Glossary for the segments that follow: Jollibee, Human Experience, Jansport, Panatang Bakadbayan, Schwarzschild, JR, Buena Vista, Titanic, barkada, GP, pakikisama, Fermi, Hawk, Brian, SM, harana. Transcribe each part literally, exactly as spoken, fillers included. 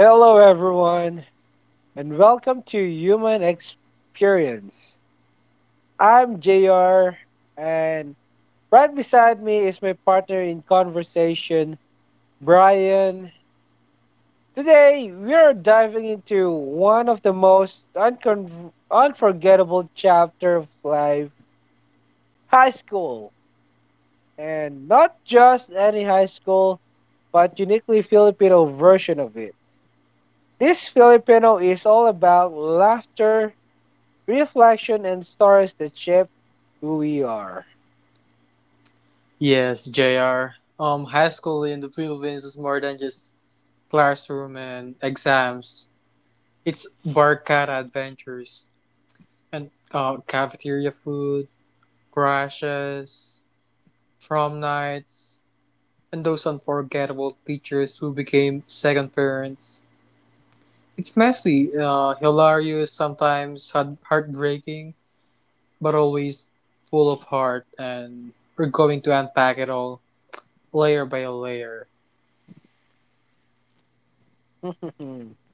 Hello, everyone, and welcome to Human Experience. I'm J R, and right beside me is my partner in conversation, Brian. Today, we are diving into one of the most uncon- unforgettable chapter of life, high school. And not just any high school, but uniquely Filipino version of it. This Filipino is all about laughter, reflection and stories that shape who we are. Yes, J R. Um, high school in the Philippines is more than just classroom and exams. It's barkada adventures and uh, cafeteria food, crashes, prom nights, and those unforgettable teachers who became second parents. It's messy, uh, hilarious, sometimes heart- heartbreaking, but always full of heart, and we're going to unpack it all layer by layer.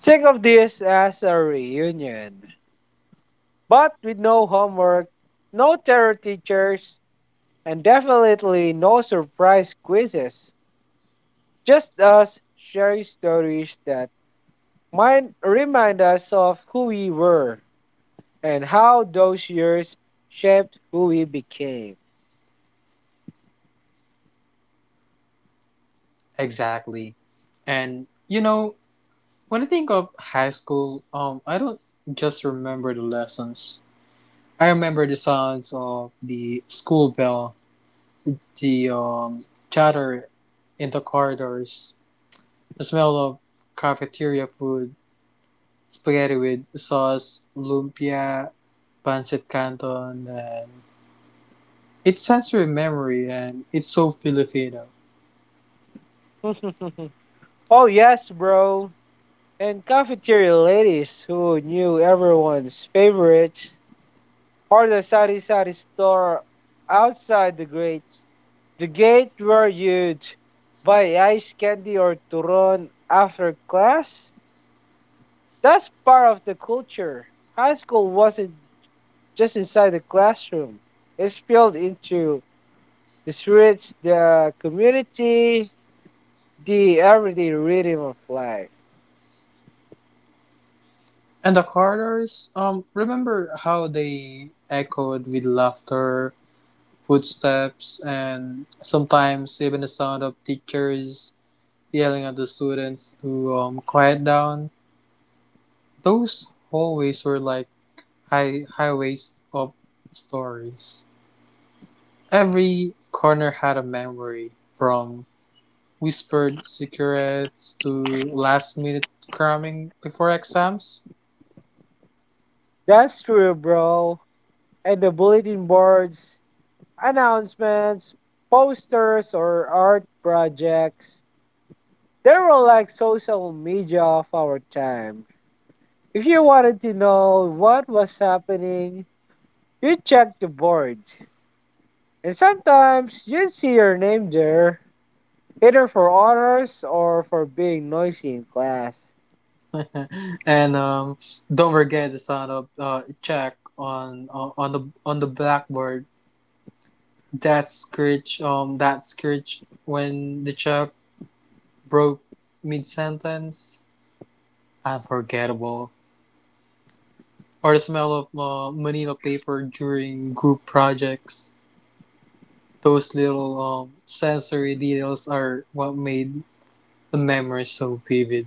Think of this as a reunion, but with no homework, no terror teachers, and definitely no surprise quizzes. Just us sharing stories that might remind us of who we were and how those years shaped who we became. Exactly. And you know, when I think of high school, um, I don't just remember the lessons. I remember the sounds of the school bell, the um, chatter in the corridors, the smell of cafeteria food, spaghetti with sauce, lumpia, pancit canton, and it's sensory memory, and it's so Filipino. Oh, yes, bro. And cafeteria ladies who knew everyone's favorites, or the sari sari store outside the gate. The gate where you'd buy ice candy or turon after class. That's part of the culture. High school wasn't just inside the classroom. It spilled into the streets, the community, the everyday rhythm of life. And the corridors, um, remember how they echoed with laughter footsteps and sometimes even the sound of teachers yelling at the students to um, quiet down. Those hallways were like high highways of stories. Every corner had a memory, from whispered secrets to last minute cramming before exams. That's true, bro. And the bulletin boards announcements, posters, or art projects. They were like social media of our time. If you wanted to know what was happening, you checked the board. And sometimes you'd see your name there, either for honors or for being noisy in class. And um, don't forget the sound of uh, check on on the on the blackboard. That screech, um, that screech when the chap broke mid sentence, unforgettable. Or the smell of uh, manila paper during group projects. Those little um, sensory details are what made the memory so vivid.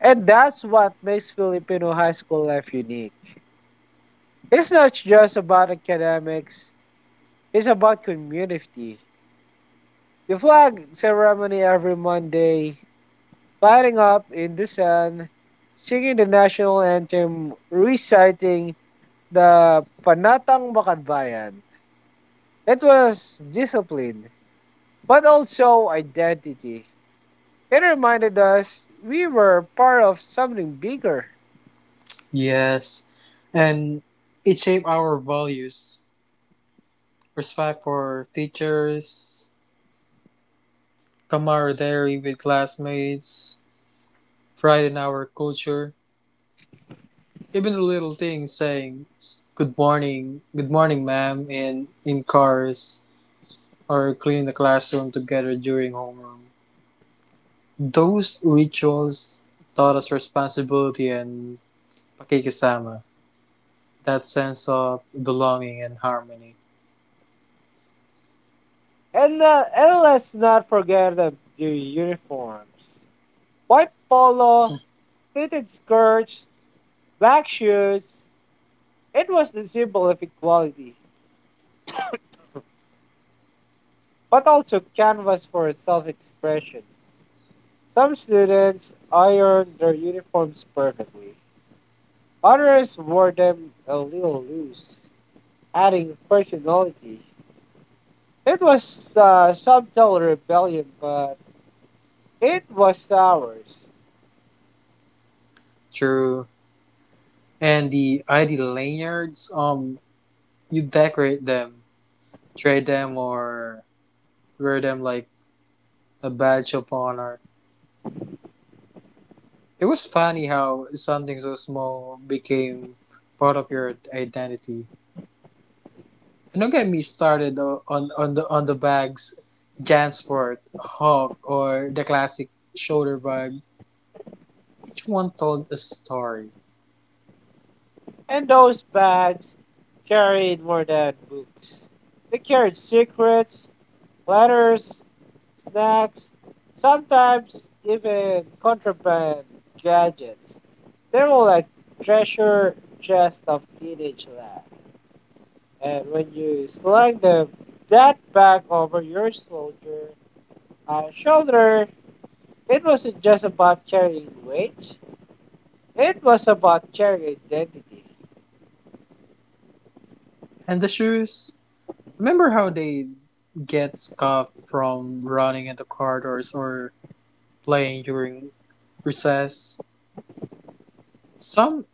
And that's what makes Filipino high school life unique. It's not just about academics, it's about community. The flag ceremony every Monday, lighting up in the sun, singing the national anthem, reciting the Panatang Bakadbayan. It was discipline, but also identity. It reminded us we were part of something bigger. Yes, and it shaped our values respect for teachers, camaraderie with classmates, pride in our culture. Even the little things saying good morning, good morning ma'am in in cars or cleaning the classroom together during homeroom. Those rituals taught us responsibility and pakikisama, that sense of belonging and harmony. And, uh, and let's not forget the, the uniforms. White polo, pleated skirts, black shoes. It was the symbol of equality, but also canvas for self-expression. Some students ironed their uniforms perfectly. Others wore them a little loose, adding personality. It was uh, subtle rebellion, but it was ours. True. And the I D lanyards, um, you decorate them, trade them, or wear them like a badge of honor. It was funny how something so small became part of your identity. And don't get me started o- on on the on the bags, Jansport, Hawk, or the classic shoulder bag. Each one told a story. And those bags carried more than books. They carried secrets, letters, snacks, sometimes even contraband gadgets. They were like treasure chest of teenage life. And when you slung the, that bag over your soldier, uh, shoulder, it wasn't just about carrying weight, it was about carrying identity. And the shoes, remember how they get scuffed from running in the corridors or playing during recess? Some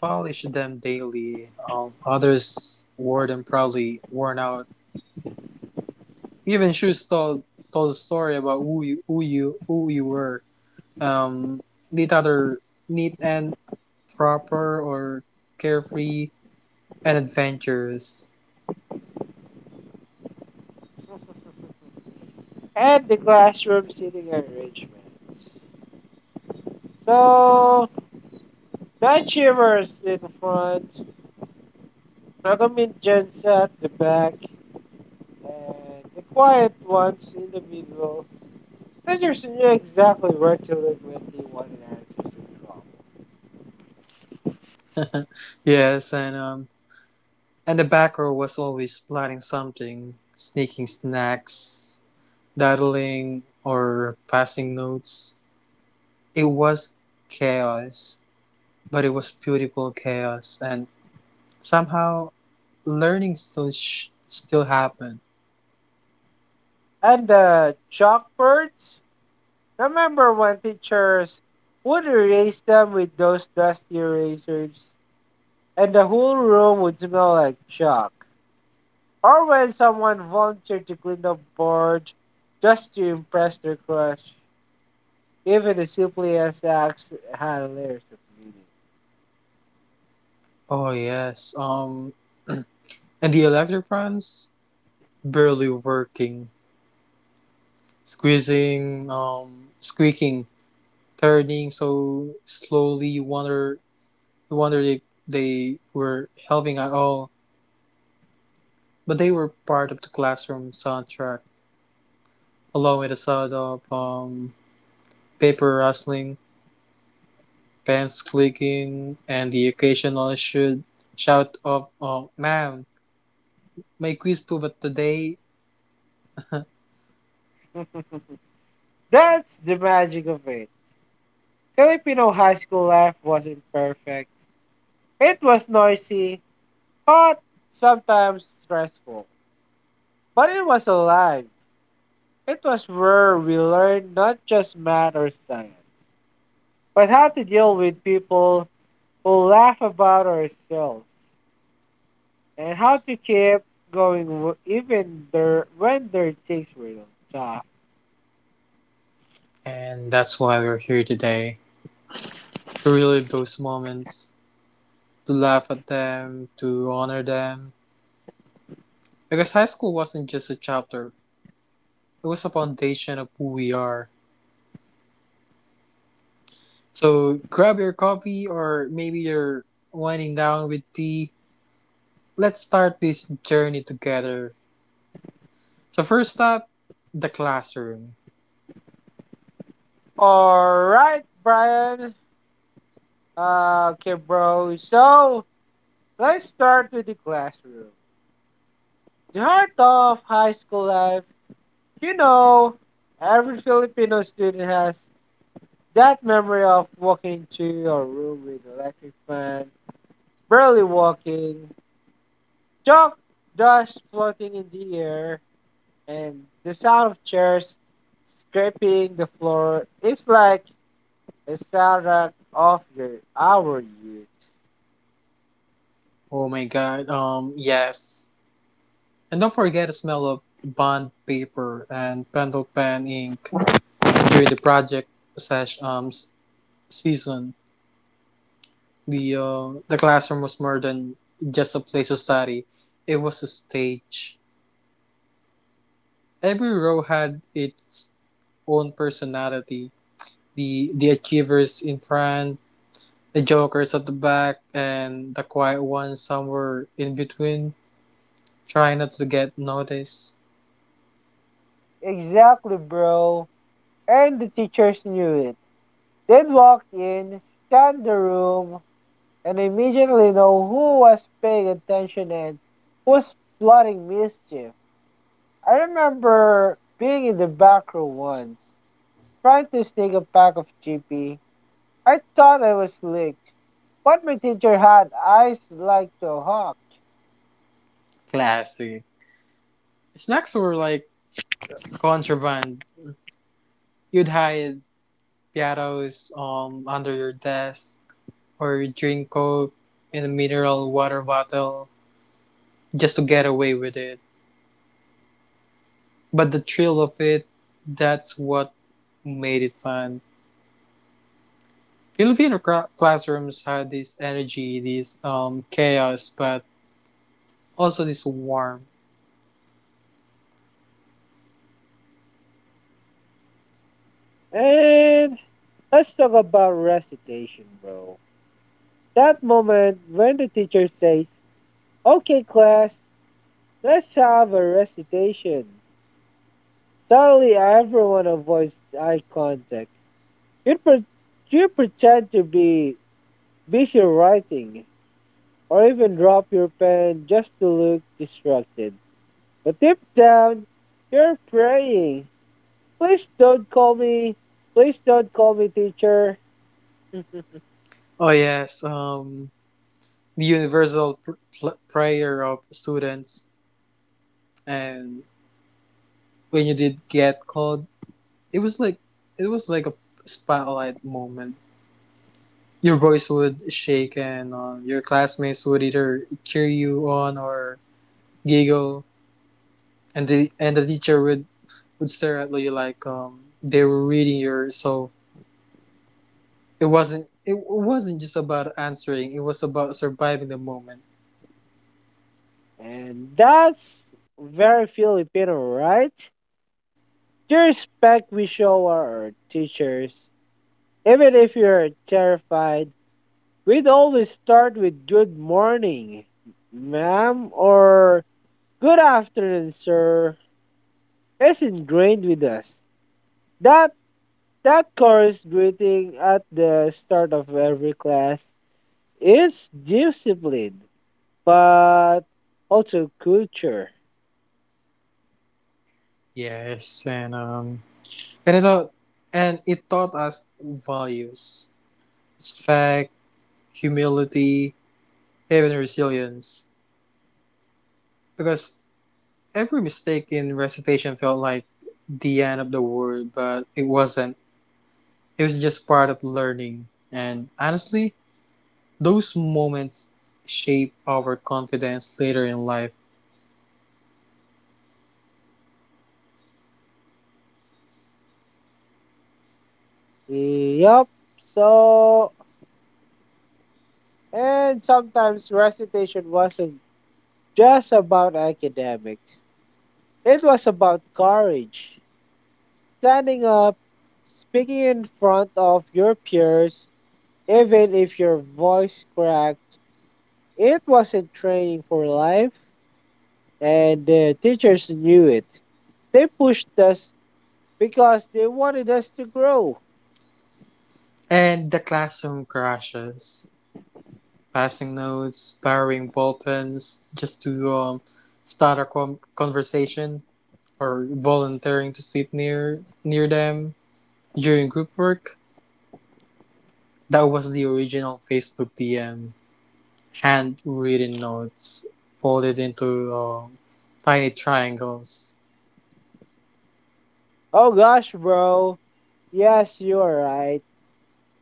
polished them daily, um, others wore them proudly, worn out. Even Schultz told told a story about who you who you who you were. Um, neat other neat and proper or carefree and adventurous. And the classroom seating arrangement. So, the achievers in front, the Nagaminjans at the back, and the quiet ones in the middle. Teachers knew exactly where to look when they wanted answers to trouble. Yes, and um, and the back row was always plotting something, sneaking snacks, dawdling, or passing notes. It was chaos, but it was beautiful chaos, and somehow learning still sh- still happened. And the chalkboards. Remember when teachers would erase them with those dusty erasers and the whole room would smell like chalk? Or when someone volunteered to clean the board just to impress their crush, even the simplest acts had layers of Oh yes. Um, and the electric fans barely working, squeezing, um, squeaking, turning so slowly. You wonder, you wonder if they were helping at all, but they were part of the classroom soundtrack, along with the sound of um, paper rustling, pens clicking, and the occasional should shout of, "Oh, ma'am, my quiz proof of today!" meaning. That's the magic of it. Filipino high school life wasn't perfect. It was noisy, hot, sometimes stressful, but it was alive. It was where we learned not just math or science, but how to deal with people who laugh about ourselves and how to keep going w- even there when their things were tough. And that's why we're here today, to relive those moments, to laugh at them, to honor them. Because high school wasn't just a chapter, it was a foundation of who we are. So grab your coffee or maybe you're winding down with tea. Let's start this journey together. So first stop, the classroom. All right, Brian. Uh, okay, bro. So let's start with the classroom. The heart of high school life. You know, every Filipino student has that memory of walking to your room with electric fan barely walking, chalk dust floating in the air, and the sound of chairs scraping the floor is like a soundtrack of your our youth. Oh my god, um yes. And don't forget the smell of bond paper and pencil pen ink during the project slash um s- season. The uh, the classroom was more than just a place to study; it was a stage. Every row had its own personality. The the achievers in front, the jokers at the back, and the quiet ones somewhere in between, trying not to get noticed. Exactly, bro. And the teachers knew it. They'd walk in, scan the room, and immediately know who was paying attention and who's plotting mischief. I remember being in the back room once, trying to sneak a pack of G P. I thought I was licked, but my teacher had eyes like the hawk. Classy. Snacks were like contraband. You'd hide piatos um under your desk or drink coke in a mineral water bottle just to get away with it. But the thrill of it, that's what made it fun. Filipino cra- classrooms had this energy, this um, chaos, but also this warmth. And let's talk about recitation, bro. That moment when the teacher says, okay, class, let's have a recitation. Suddenly, everyone avoids eye contact. You, pre- you pretend to be busy writing, or even drop your pen just to look distracted. But deep down, you're praying please don't call me, please don't call me teacher. Oh yes, um, the universal pr- prayer of students, and when you did get called, it was like it was like a spotlight moment. Your voice would shake, and uh, your classmates would either cheer you on or giggle. and the and the teacher would would stare at you like um they were reading your so it wasn't it wasn't just about answering. It was about surviving the moment. And that's very Filipino, right? The respect we show our teachers, even if you're terrified, we'd always start with good morning, ma'am, or good afternoon, sir. It's ingrained with us. That that chorus greeting at the start of every class is discipline, but also culture. Yes, and um and it taught and it taught us values respect humility even resilience, because every mistake in recitation felt like the end of the world, but it wasn't. It was just part of learning. And honestly, those moments shape our confidence later in life. Yup. So, and sometimes recitation wasn't just about academics, it was about courage. Standing up, speaking in front of your peers, even if your voice cracked, it wasn't training for life, and the teachers knew it. They pushed us because they wanted us to grow. And the classroom crashes, passing notes, borrowing ballpens just to um, start a com- conversation, or volunteering to sit near near them during group work. That was the original Facebook D M, handwritten notes folded into um, tiny triangles, Oh gosh, bro. Yes, you are right.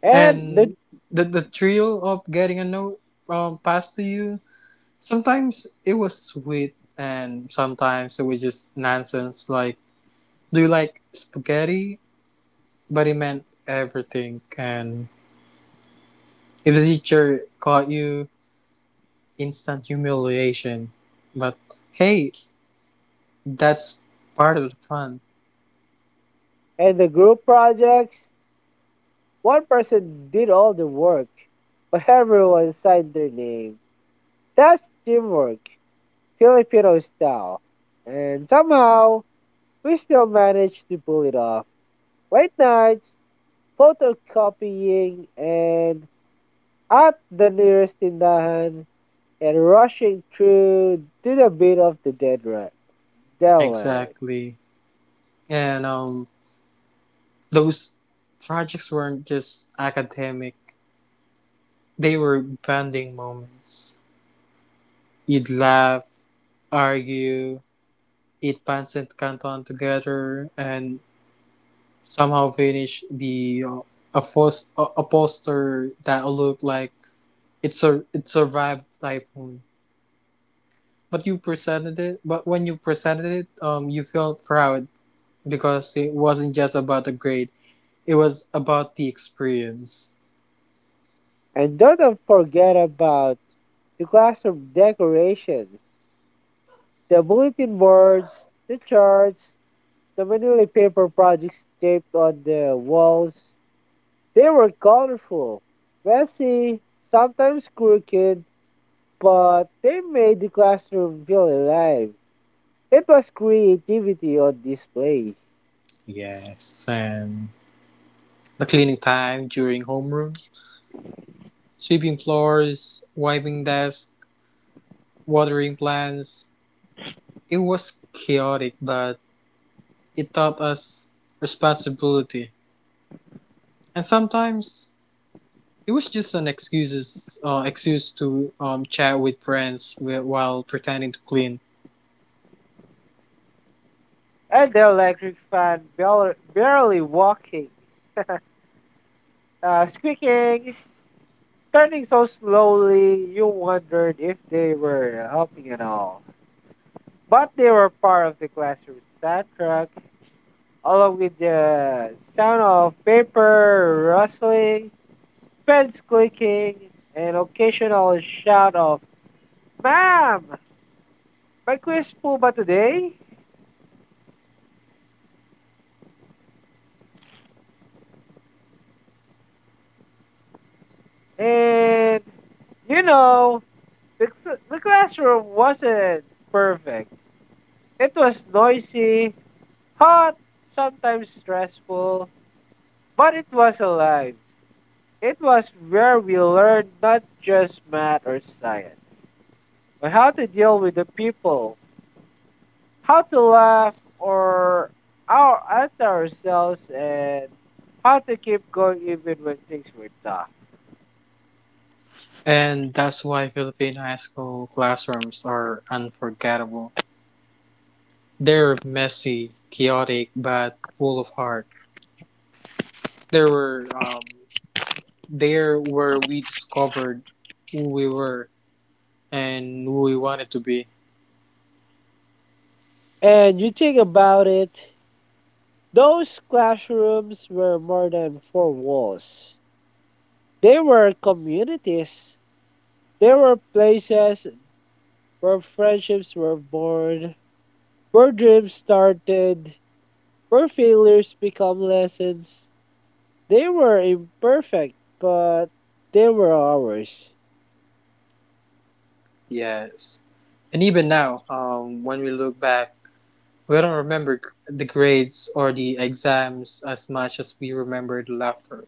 And the and the the thrill of getting a note um, passed to you. Sometimes it was sweet and sometimes it was just nonsense, like do you like spaghetti, but it meant everything. And if the teacher caught you, instant humiliation. But hey, that's part of the fun. and the group projects, one person did all the work, but everyone signed their name. That's teamwork, Filipino style. And somehow we still managed to pull it off. Late nights, photocopying, and at the nearest tindahan, and rushing through to the beat of the deadri- deadline. Exactly, and um those projects weren't just academic. They were bonding moments. You'd laugh, argue, eat pancit canton together, and somehow finish the uh, a, fos- a, a poster that looked like it sur- it survived typhoon. But you presented it. But when you presented it, um, you felt proud because it wasn't just about the grade. It was about the experience. And don't forget about the classroom decorations, the bulletin boards, the charts, the manila paper projects taped on the walls. They were colorful, messy, sometimes crooked, but they made the classroom feel alive. It was creativity on display. Yes, and the cleaning time during homeroom, sweeping floors, wiping desks, watering plants. It was chaotic, but it taught us responsibility. And sometimes it was just an excuses uh, excuse to um, chat with friends while pretending to clean. And the electric fan barely, barely walking, uh, squeaking, turning so slowly, you wondered if they were helping at all. But they were part of the classroom soundtrack, along with the sound of paper rustling, pens clicking, and occasional shout of, "Ma'am! May quiz po ba today?" And you know, the, cl- the classroom wasn't perfect. It was noisy, hot, sometimes stressful, but it was alive. It was where we learned not just math or science, but how to deal with the people, how to laugh or our, at ourselves, and how to keep going even when things were tough. And that's why Philippine high school classrooms are unforgettable. They're messy, chaotic, but full of heart. There were um, there where we discovered who we were and who we wanted to be. And you think about it, those classrooms were more than four walls. They were communities. They were places where friendships were born, where dreams started, our failures become lessons. They were imperfect, but they were ours. Yes, and even now, um, when we look back, we don't remember the grades or the exams as much as we remember the laughter,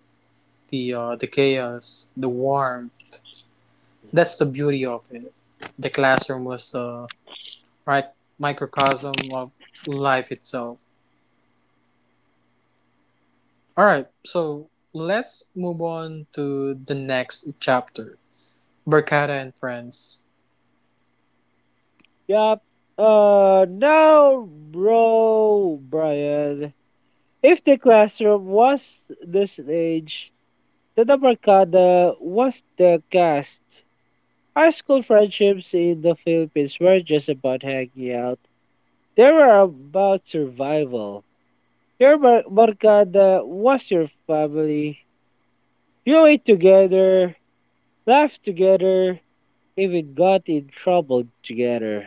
the uh, the chaos, the warmth. That's the beauty of it. The classroom was the right microcosm of life itself. All right, so let's move on to the next chapter. Berkata and friends. Yup. Uh, now, bro, Brian, if the classroom was the stage, the demarcada was the cast. High school friendships in the Philippines weren't just about hanging out. They were about survival. Your mar- barkada was your family. You ate together, laughed together, even got in trouble together.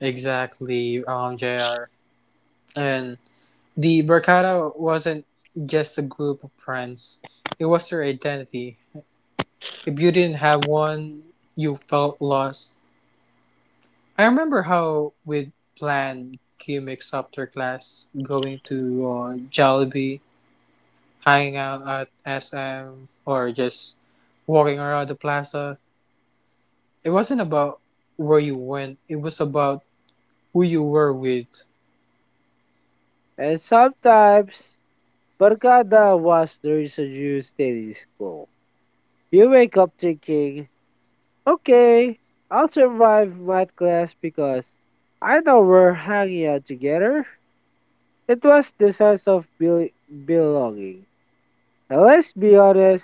Exactly, um, junior And the Berkata wasn't just a group of friends; it was their identity. If you didn't have one, you felt lost. I remember how we'd plan gimmicks after class, going to uh, Jollibee, hanging out at S M, or just walking around the plaza. It wasn't about where you went, it was about who you were with. And sometimes, barkada was the reason you stayed in school. You wake up thinking, okay, I'll survive math class because I know we're hanging out together. It was the sense of bel- belonging. And let's be honest,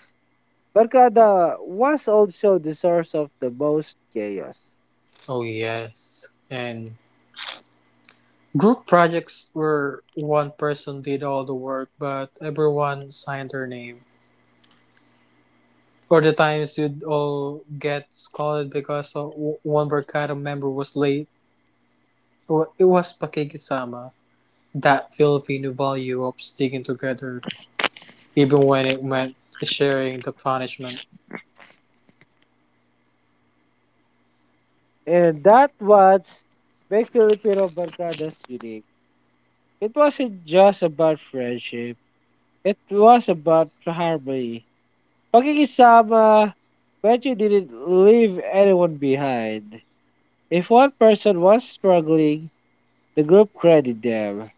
barkada was also the source of the most chaos. Oh, yes. And group projects where one person did all the work, but everyone signed their name. Or the times you'd all get scolded because o- w- one barkada member was late. Wa- It was pakikisama, that Filipino value of sticking together, even when it meant sharing the punishment. And that was make Filipino barkadas unique. It wasn't just about friendship. It was about harmony. Pakikisama, when you didn't leave anyone behind. If one person was struggling, the group credited them.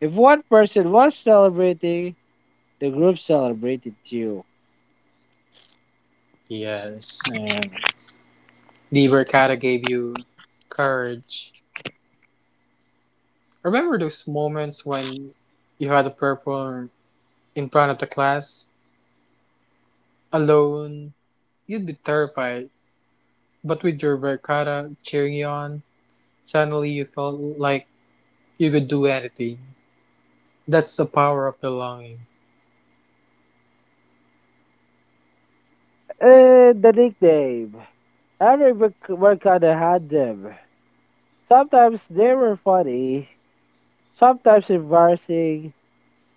If one person was celebrating, the group celebrated too. Yes, and the barkada gave you courage. Remember those moments when you had to perform in front of the class? Alone, you'd be terrified, but with your barkada cheering you on, suddenly you felt like you could do anything. That's the power of belonging. And the nickname. Every merc- Mercado had them. Sometimes they were funny, sometimes embarrassing,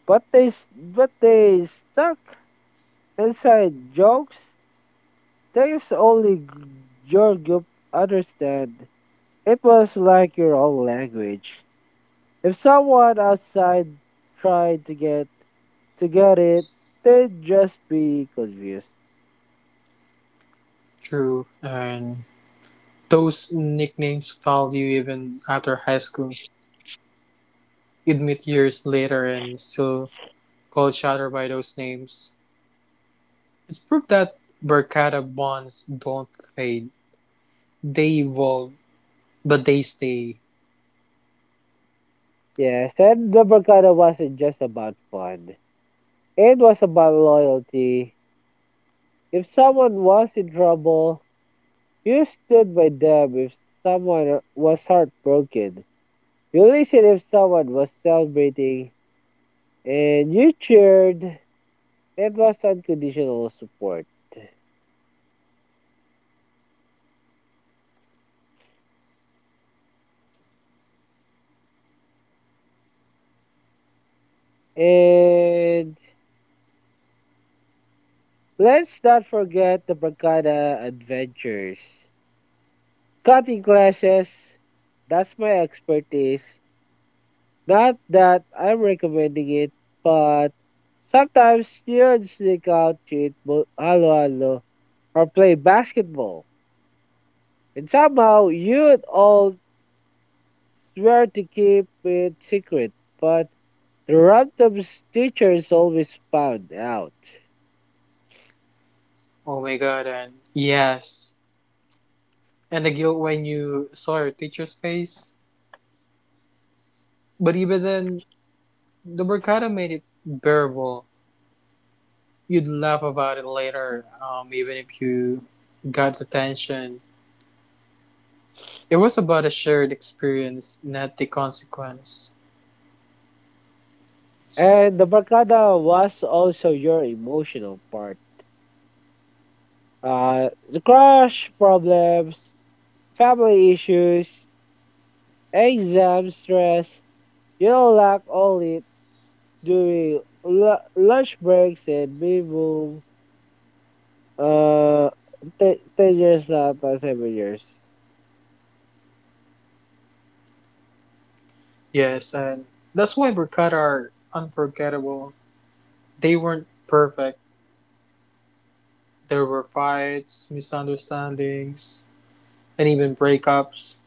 but they s- but they stuck. Inside jokes, things only g- your group understand. It was like your own language. If someone outside tried to get to get it, they'd just be confused. True. And those nicknames followed you even after high school. You'd meet years later and still call each other by those names. It's proof that Berkata bonds don't fade. They evolve, but they stay. Yes, and the Mercado wasn't just about fun. It was about loyalty. If someone was in trouble, you stood by them if someone uh, was heartbroken. You listened if someone was celebrating and you cheered. That was unconditional support. And let's not forget the Bracada adventures. Cutting classes, that's my expertise. Not that I'm recommending it, but sometimes you'd sneak out to eat bo- halo halo or play basketball. And somehow you'd all swear to keep it secret, but the Random's teachers always found out. Oh my god, and yes. And the guilt when you saw your teacher's face. But even then, the Berkata made it bearable. You'd laugh about it later, um, even if you got attention. It was about a shared experience, not the consequence. And the barkada was also your emotional part. Uh, the crush problems, family issues, exam stress, you'll lack all it during lu- lunch breaks and minimum uh, t- ten years, not uh, seven years. Yes, and that's why Burkata are unforgettable. They weren't perfect. There were fights, misunderstandings, and even breakups.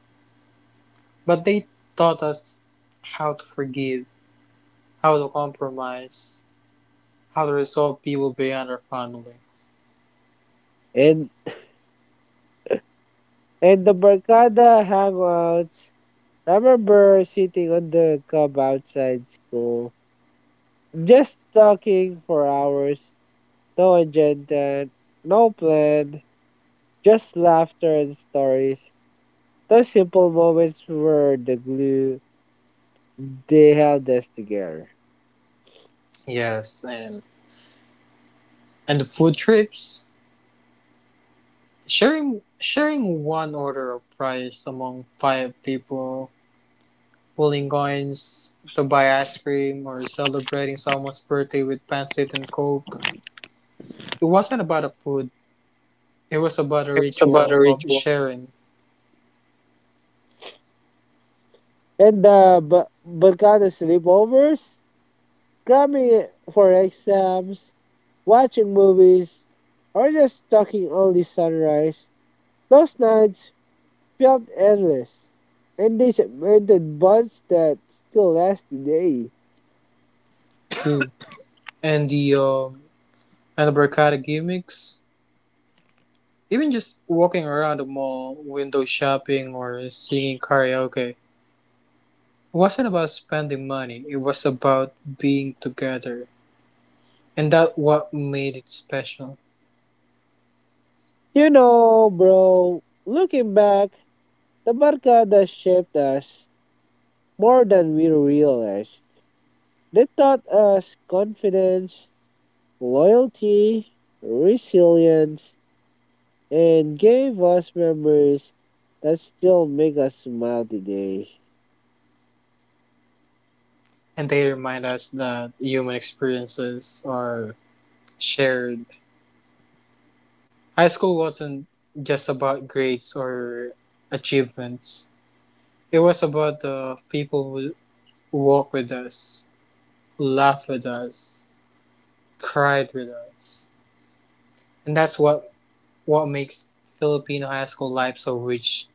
But they taught us how to forgive, how to compromise, how to resolve people beyond our family. And, and the barkada hangouts, I remember sitting on the cub outside school just talking for hours, no agenda, no plan, just laughter and stories. Those simple moments were the glue they held us together. Yes, and and the food trips. Sharing sharing one order of fries among five people, pulling coins to buy ice cream, or celebrating someone's birthday with pancit and coke. It wasn't about a food. It was about a ritual of sharing. And the ba- Balkano sleepovers, cramming for exams, watching movies, or just talking only sunrise, those nights felt endless. And they cemented bonds that still last today. True. And the um and the barcada gimmicks. Even just walking around the mall, window shopping, or singing karaoke. It wasn't about spending money. It was about being together, and that what made it special. You know, bro, looking back, the Barcada shaped us more than we realized. They taught us confidence, loyalty, resilience, and gave us memories that still make us smile today. And they remind us that human experiences are shared. High school wasn't just about grades or achievements, it was about the people who walked with us, laughed with us, cried with us. And that's what, what makes Filipino high school life so rich.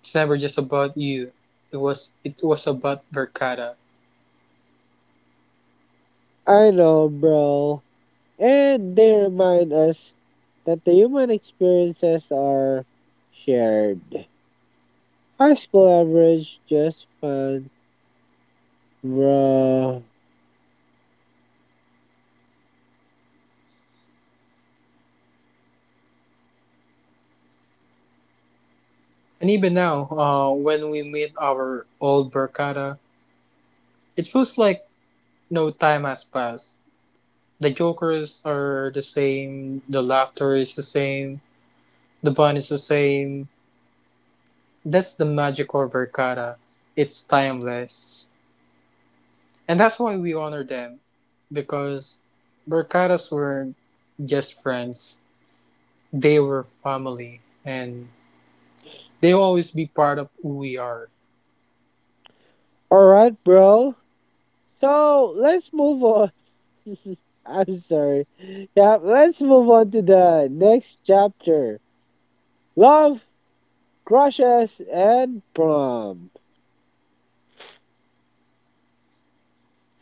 It's never just about you. It was it was about Verkada. I know, bro. And they remind us that the human experiences are shared. High school average, just fun, bro. And even now, uh, when we meet our old Verkada, it feels like no time has passed. The jokers are the same, the laughter is the same, the bond is the same. That's the magic of Verkada. It's timeless. And that's why we honor them. Because Verkadas weren't just friends, they were family. And they'll always be part of who we are. All right, bro. So let's move on. I'm sorry. Yeah, let's move on to the next chapter love, crushes, and prom.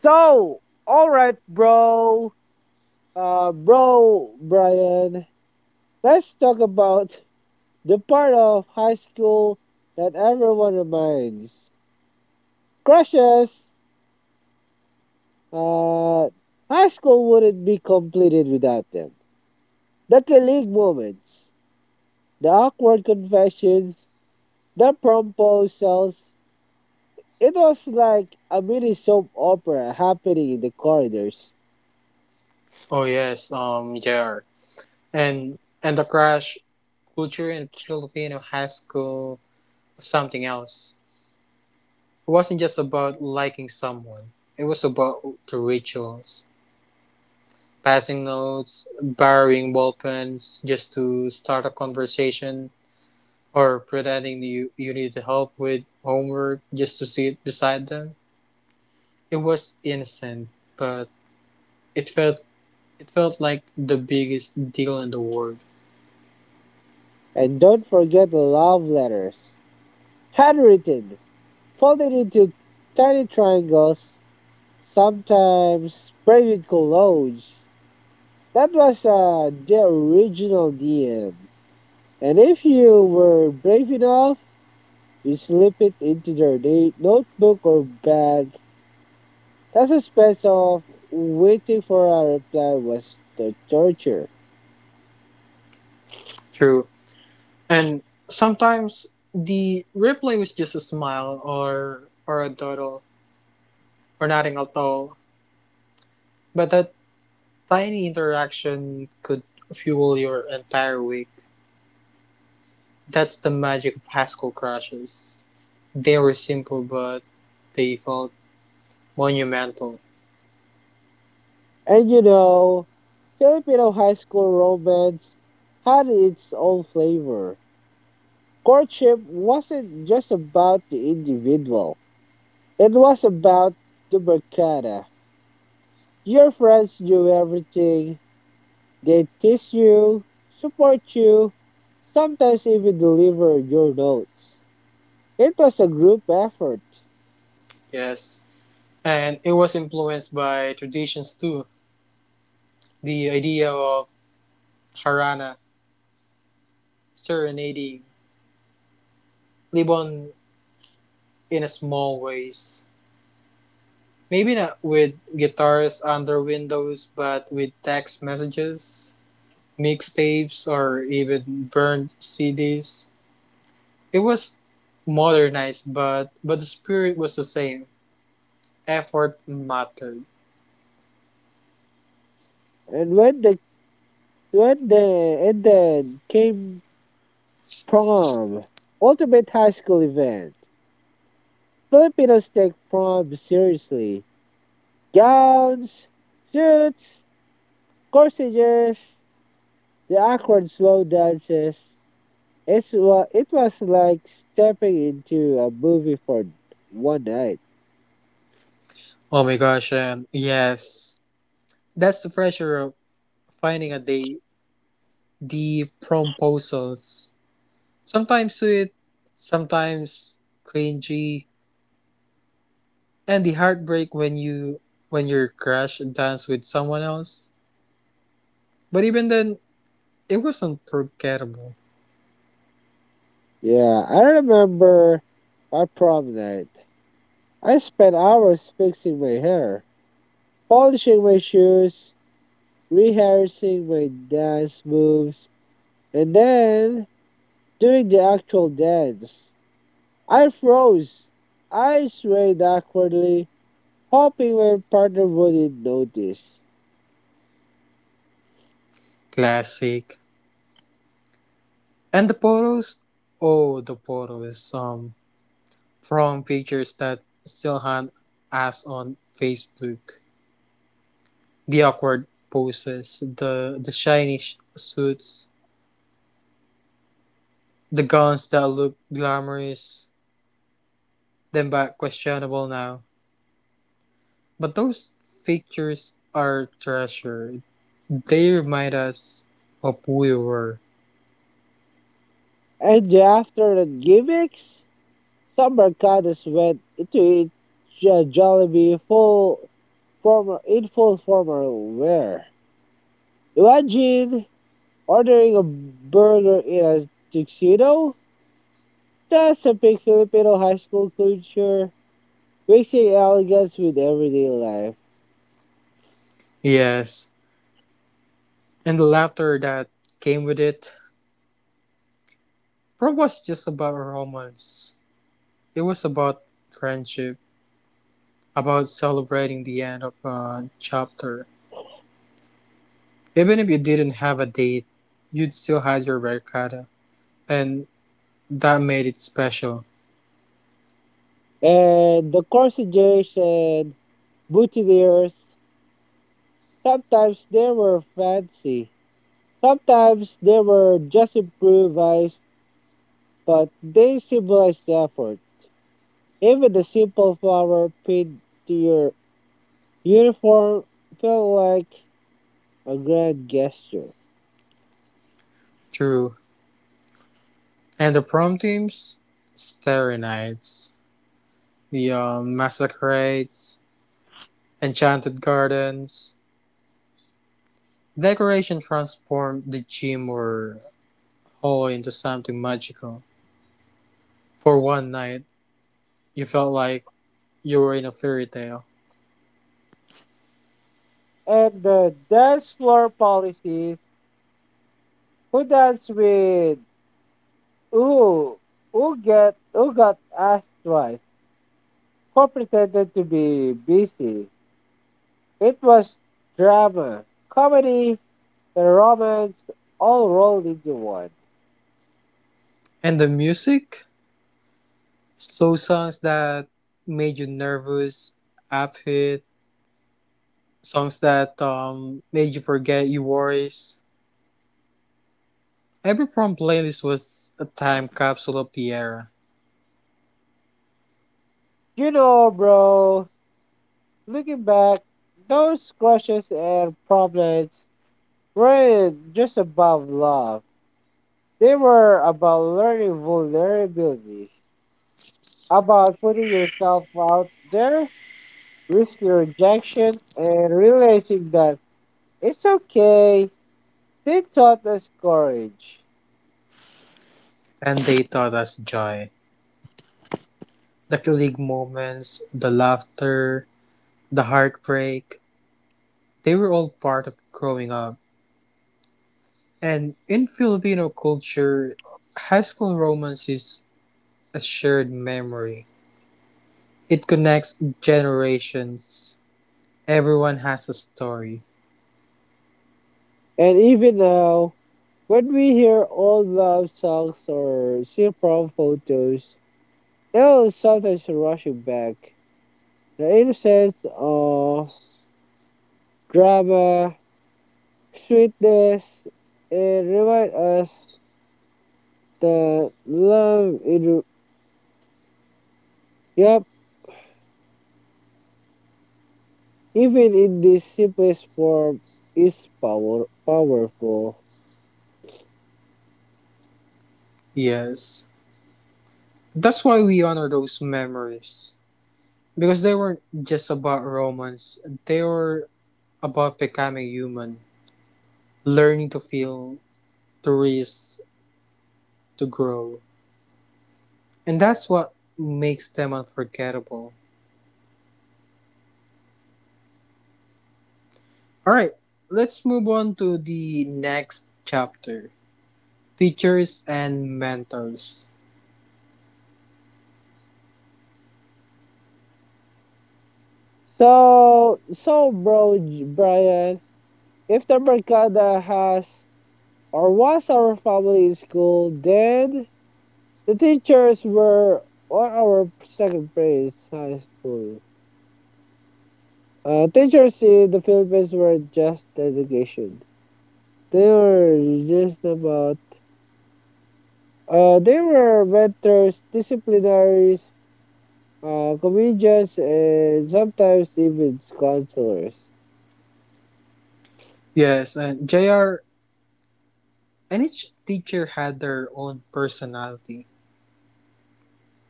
So, all right, bro. Uh, bro, Brian, let's talk about the part of high school that everyone reminds crushes. Uh, high school wouldn't be completed without them. The killing moments, the awkward confessions, the proposals. It was like a mini soap opera happening in the corridors. Oh, yes, um, yeah. And, and the crash culture in Filipino high school was something else. It wasn't just about liking someone, it was about the rituals. Passing notes, borrowing ballpens just to start a conversation, or pretending you, you needed help with homework just to sit beside them. It was innocent, but it felt it felt like the biggest deal in the world. And don't forget the love letters, handwritten, folded into tiny triangles, sometimes sprayed with colognes. That was uh, the original D M. And if you were brave enough, you slip it into their na- notebook or bag. The suspense of waiting for a reply was the torture. True. And sometimes the replay was just a smile or or a doodle or nothing at all. But that tiny interaction could fuel your entire week. That's the magic of Haskell crashes. They were simple, but they felt monumental. And you know, Filipino high school romance had its own flavor. Courtship wasn't just about the individual, it was about the mercada. Your friends knew everything, they tease you, support you, sometimes even deliver your notes. It was a group effort, Yes. And it was influenced by traditions too. The idea of harana, serenading, Libon in a small ways. Maybe not with guitars under windows, but with text messages, mixtapes, or even burned C Ds. It was modernized, but but the spirit was the same. Effort mattered. and when the When the and then came prom, ultimate high school event. Filipinos take prom seriously. Gowns, suits, corsages, the awkward slow dances. It's wa- it was like stepping into a movie for one night. Oh my gosh, and yes, that's the pressure of finding a date. The proposals, sometimes sweet, sometimes cringy, and the heartbreak when you when your crush dance with someone else. But even then, it wasn't forgettable. Yeah, I remember our prom night. I spent hours fixing my hair, polishing my shoes, rehearsing my dance moves. And then, during the actual dance, I froze. I swayed awkwardly, hoping my partner wouldn't notice. Classic. And the photos, oh, the photos. Um, From pictures that still haunt us on Facebook: the awkward poses, the the shiny sh- suits, the gowns that look glamorous then but questionable now. But those pictures are treasure. They remind us of who we were. And the after that gimmicks, some mercados went into each uh, Jollibee full formal, in full formal wear. Imagine ordering a burger in a tuxedo. That's a big Filipino high school culture, mixing elegance with everyday life. Yes, and the laughter that came with it. Prom was just about romance. It was about friendship, about celebrating the end of a chapter. Even if you didn't have a date, you'd still had your barkada. And that made it special. Uh, the corsages and boutonnieres, sometimes they were fancy. Sometimes they were just improvised, but they symbolized effort. Even the simple flower pinned to your uniform felt like a grand gesture. True. And the prom teams? Starry nights. The um, massacrades, enchanted gardens. Decoration transformed the gym or hall into something magical. For one night, you felt like you were in a fairy tale. And the dance floor policies, who dance with who, who, get, who got asked twice, who pretended to be busy. It was drama, comedy, and romance all rolled into one. And the music? Slow songs that made you nervous, upbeat, songs that um, made you forget your worries. Every prom playlist was a time capsule of the era, You know, bro, looking back, those crushes and problems weren't just about love. They were about learning vulnerability, about putting yourself out there, risking rejection, and realizing that it's okay. They taught us courage. and they taught us joy. The colleague moments, the laughter, the heartbreak, they were all part of growing up. And in Filipino culture, high school romance is a shared memory. It connects generations. Everyone has a story. And even now, when we hear old love songs or see prom photos, it'll sometimes rushing back. The innocence of drama, sweetness, and remind us that love in yep, even in the simplest form is power powerful. Yes. That's why we honor those memories. Because they weren't just about romance, they were about becoming human, learning to feel, to risk, to grow. And that's what makes them unforgettable. Alright, let's move on to the next chapter teachers and mentors. So so bro J- Brian, if the Mercada has or was our family in school, then the teachers were all our second grade high school. Uh, teachers in the Philippines were just dedication. They were just about. Uh, they were mentors, disciplinaries, uh, comedians, and sometimes even counselors. Yes, and J R, and each teacher had their own personality.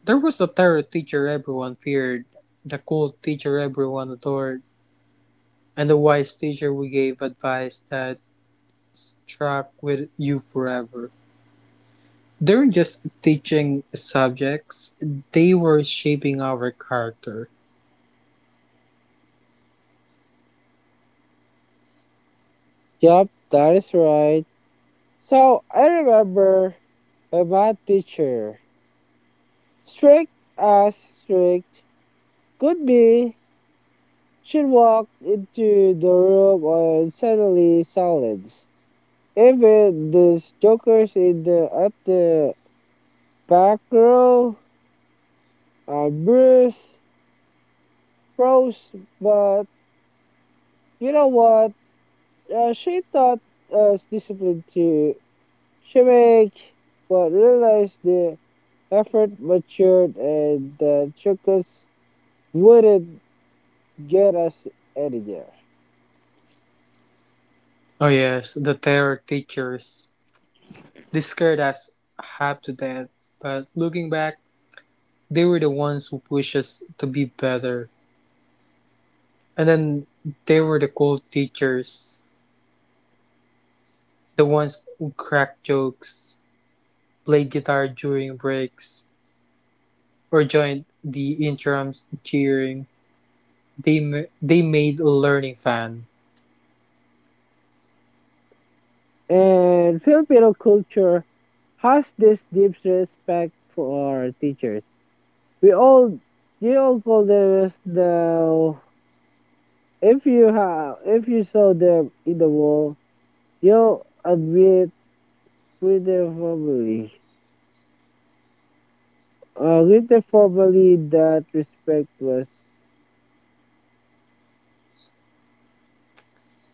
There was the terror teacher everyone feared, the cool teacher everyone adored, and the wise teacher who gave advice that struck with you forever. They were just teaching subjects, they were shaping our character. Yup, that is right. So I remember a math teacher, strict as strict could be. She walked into the room and suddenly silence. Even the jokers in the at the back row are bruised, froze, but you know what? Uh, she thought us discipline to shimmick, but realized the effort matured and the jokers wouldn't get us anywhere. Oh, yes, the terror teachers. They scared us half to death, but looking back, they were the ones who pushed us to be better. And then they were the cool teachers, the ones who cracked jokes, played guitar during breaks, or joined the interims cheering. They, ma- they made learning fun. And Filipino culture has this deep respect for our teachers. We all you all call them as the if you have if you saw them in the wall, you'll admit pretty formally. Uh, greet them formally that respect was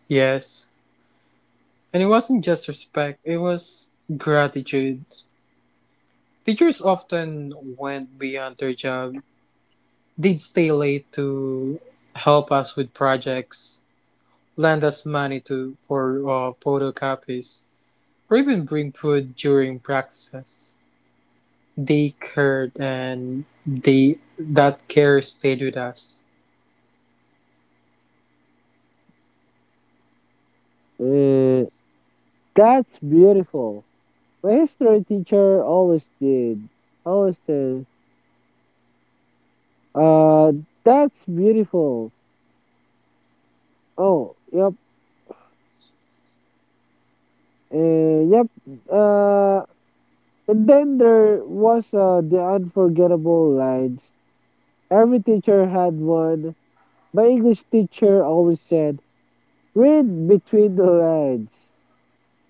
Yes, and it wasn't just respect, it was gratitude. Teachers often went beyond their job. They'd stay late to help us with projects, lend us money to for uh, photocopies, or even bring food during practices. They cared, and they that care stayed with us. uh, that's beautiful. My history teacher always did. Always said, uh, that's beautiful. Oh, yep. Eh, yep. Uh, and then there was uh, the unforgettable lines. Every teacher had one. My English teacher always said, read between the lines.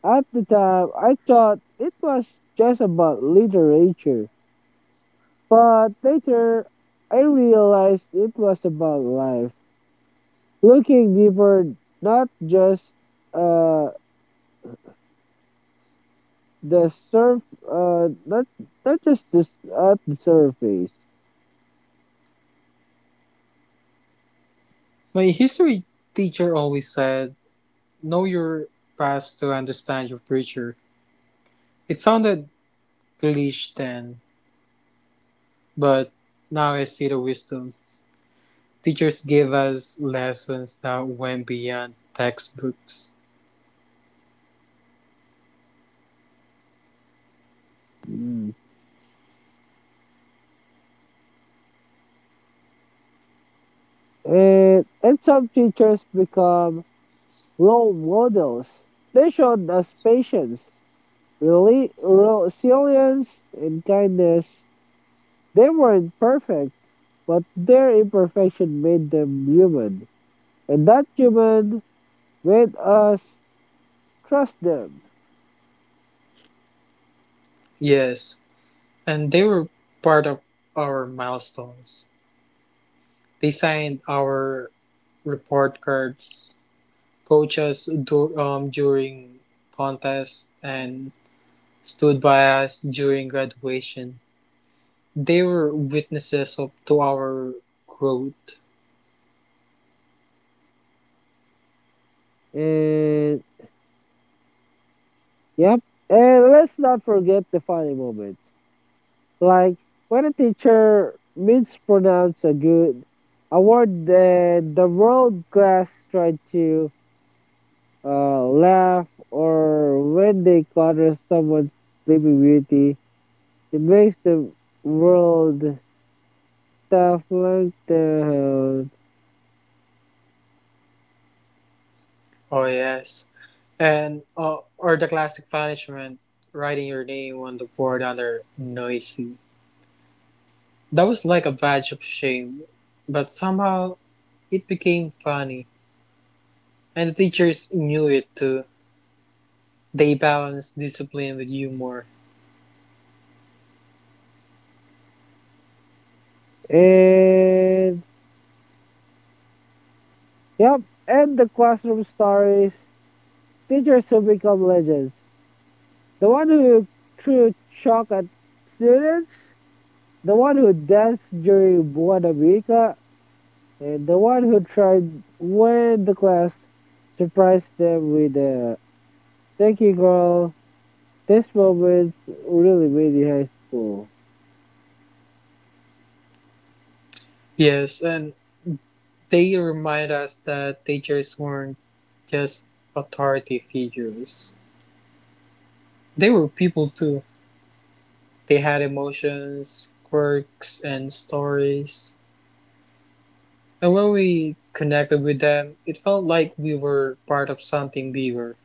At the time, I thought it was just about literature. But later, I realized it was about life. Looking deeper, not just uh, the surf, uh, not, not just this at the surface. My history teacher always said, "Know your past to understand your future." It sounded English then, but now I see the wisdom. Teachers gave us lessons that went beyond textbooks. Mm. And, and some teachers become role models. They showed us patience, reli- resilience, and kindness. They weren't perfect, but their imperfection made them human. And that human made us trust them. Yes, and they were part of our milestones. They signed our report cards, coached us du- um, during contests, and stood by us during graduation. They were witnesses of, to our growth. And, yep. And let's not forget the funny moments. Like when a teacher mispronounced a good a word that the world class tried to uh, laugh, or when they clutter someone's sleeping beauty, it makes the world stuff like the Oh, yes. And uh, or the classic punishment, writing your name on the board under noisy. That was like a badge of shame, but somehow it became funny, and the teachers knew it too. They balanced discipline with humor. and yep, and the classroom stories. Teachers who become legends. The one who threw chalk at students. The one who danced during Buena Vista, and the one who tried when the class surprised them with a thank you, girl. This moment really made me high school. Yes, and they remind us that teachers weren't just authority figures. They were people too. They had emotions, quirks, and stories. And when we connected with them, it felt like we were part of something bigger.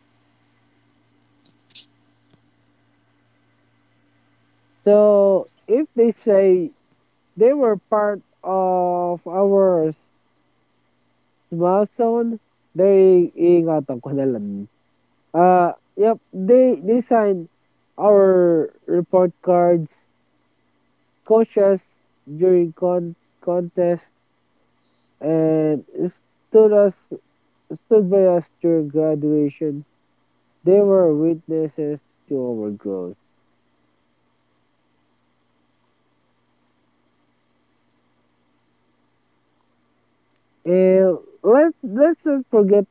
So if they say they were part of our small zone, they ingatan ko na lang. Uh, yep, they, they signed our report cards, coaches during con contest and stood us stood by us during graduation. They were witnesses to our growth. And let's let's not forget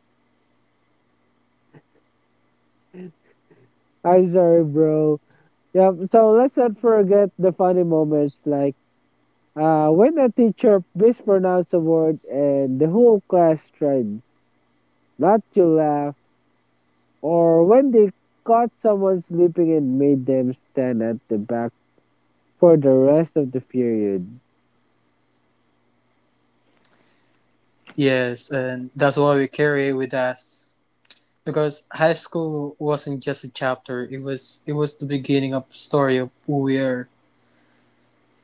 I'm sorry bro. Yeah, so let's not forget the funny moments like uh when a teacher mispronounced a word and the whole class tried not to laugh or when they caught someone sleeping and made them stand at the back for the rest of the period. Yes, and that's why we carry it with us. Because high school wasn't just a chapter, it was it was the beginning of the story of who we are.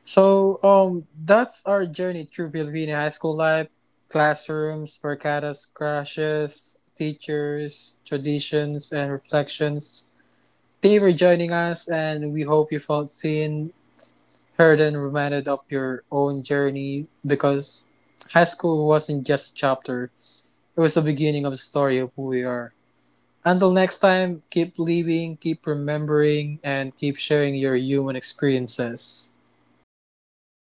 So um that's our journey through Filipino high school life, classrooms, barcadas, crushes, teachers, traditions and reflections. Thank you for joining us and we hope you felt seen, Herden reminded of your own journey because high school wasn't just a chapter, it was the beginning of the story of who we are. Until next time, keep living, keep remembering, and keep sharing your human experiences. Bye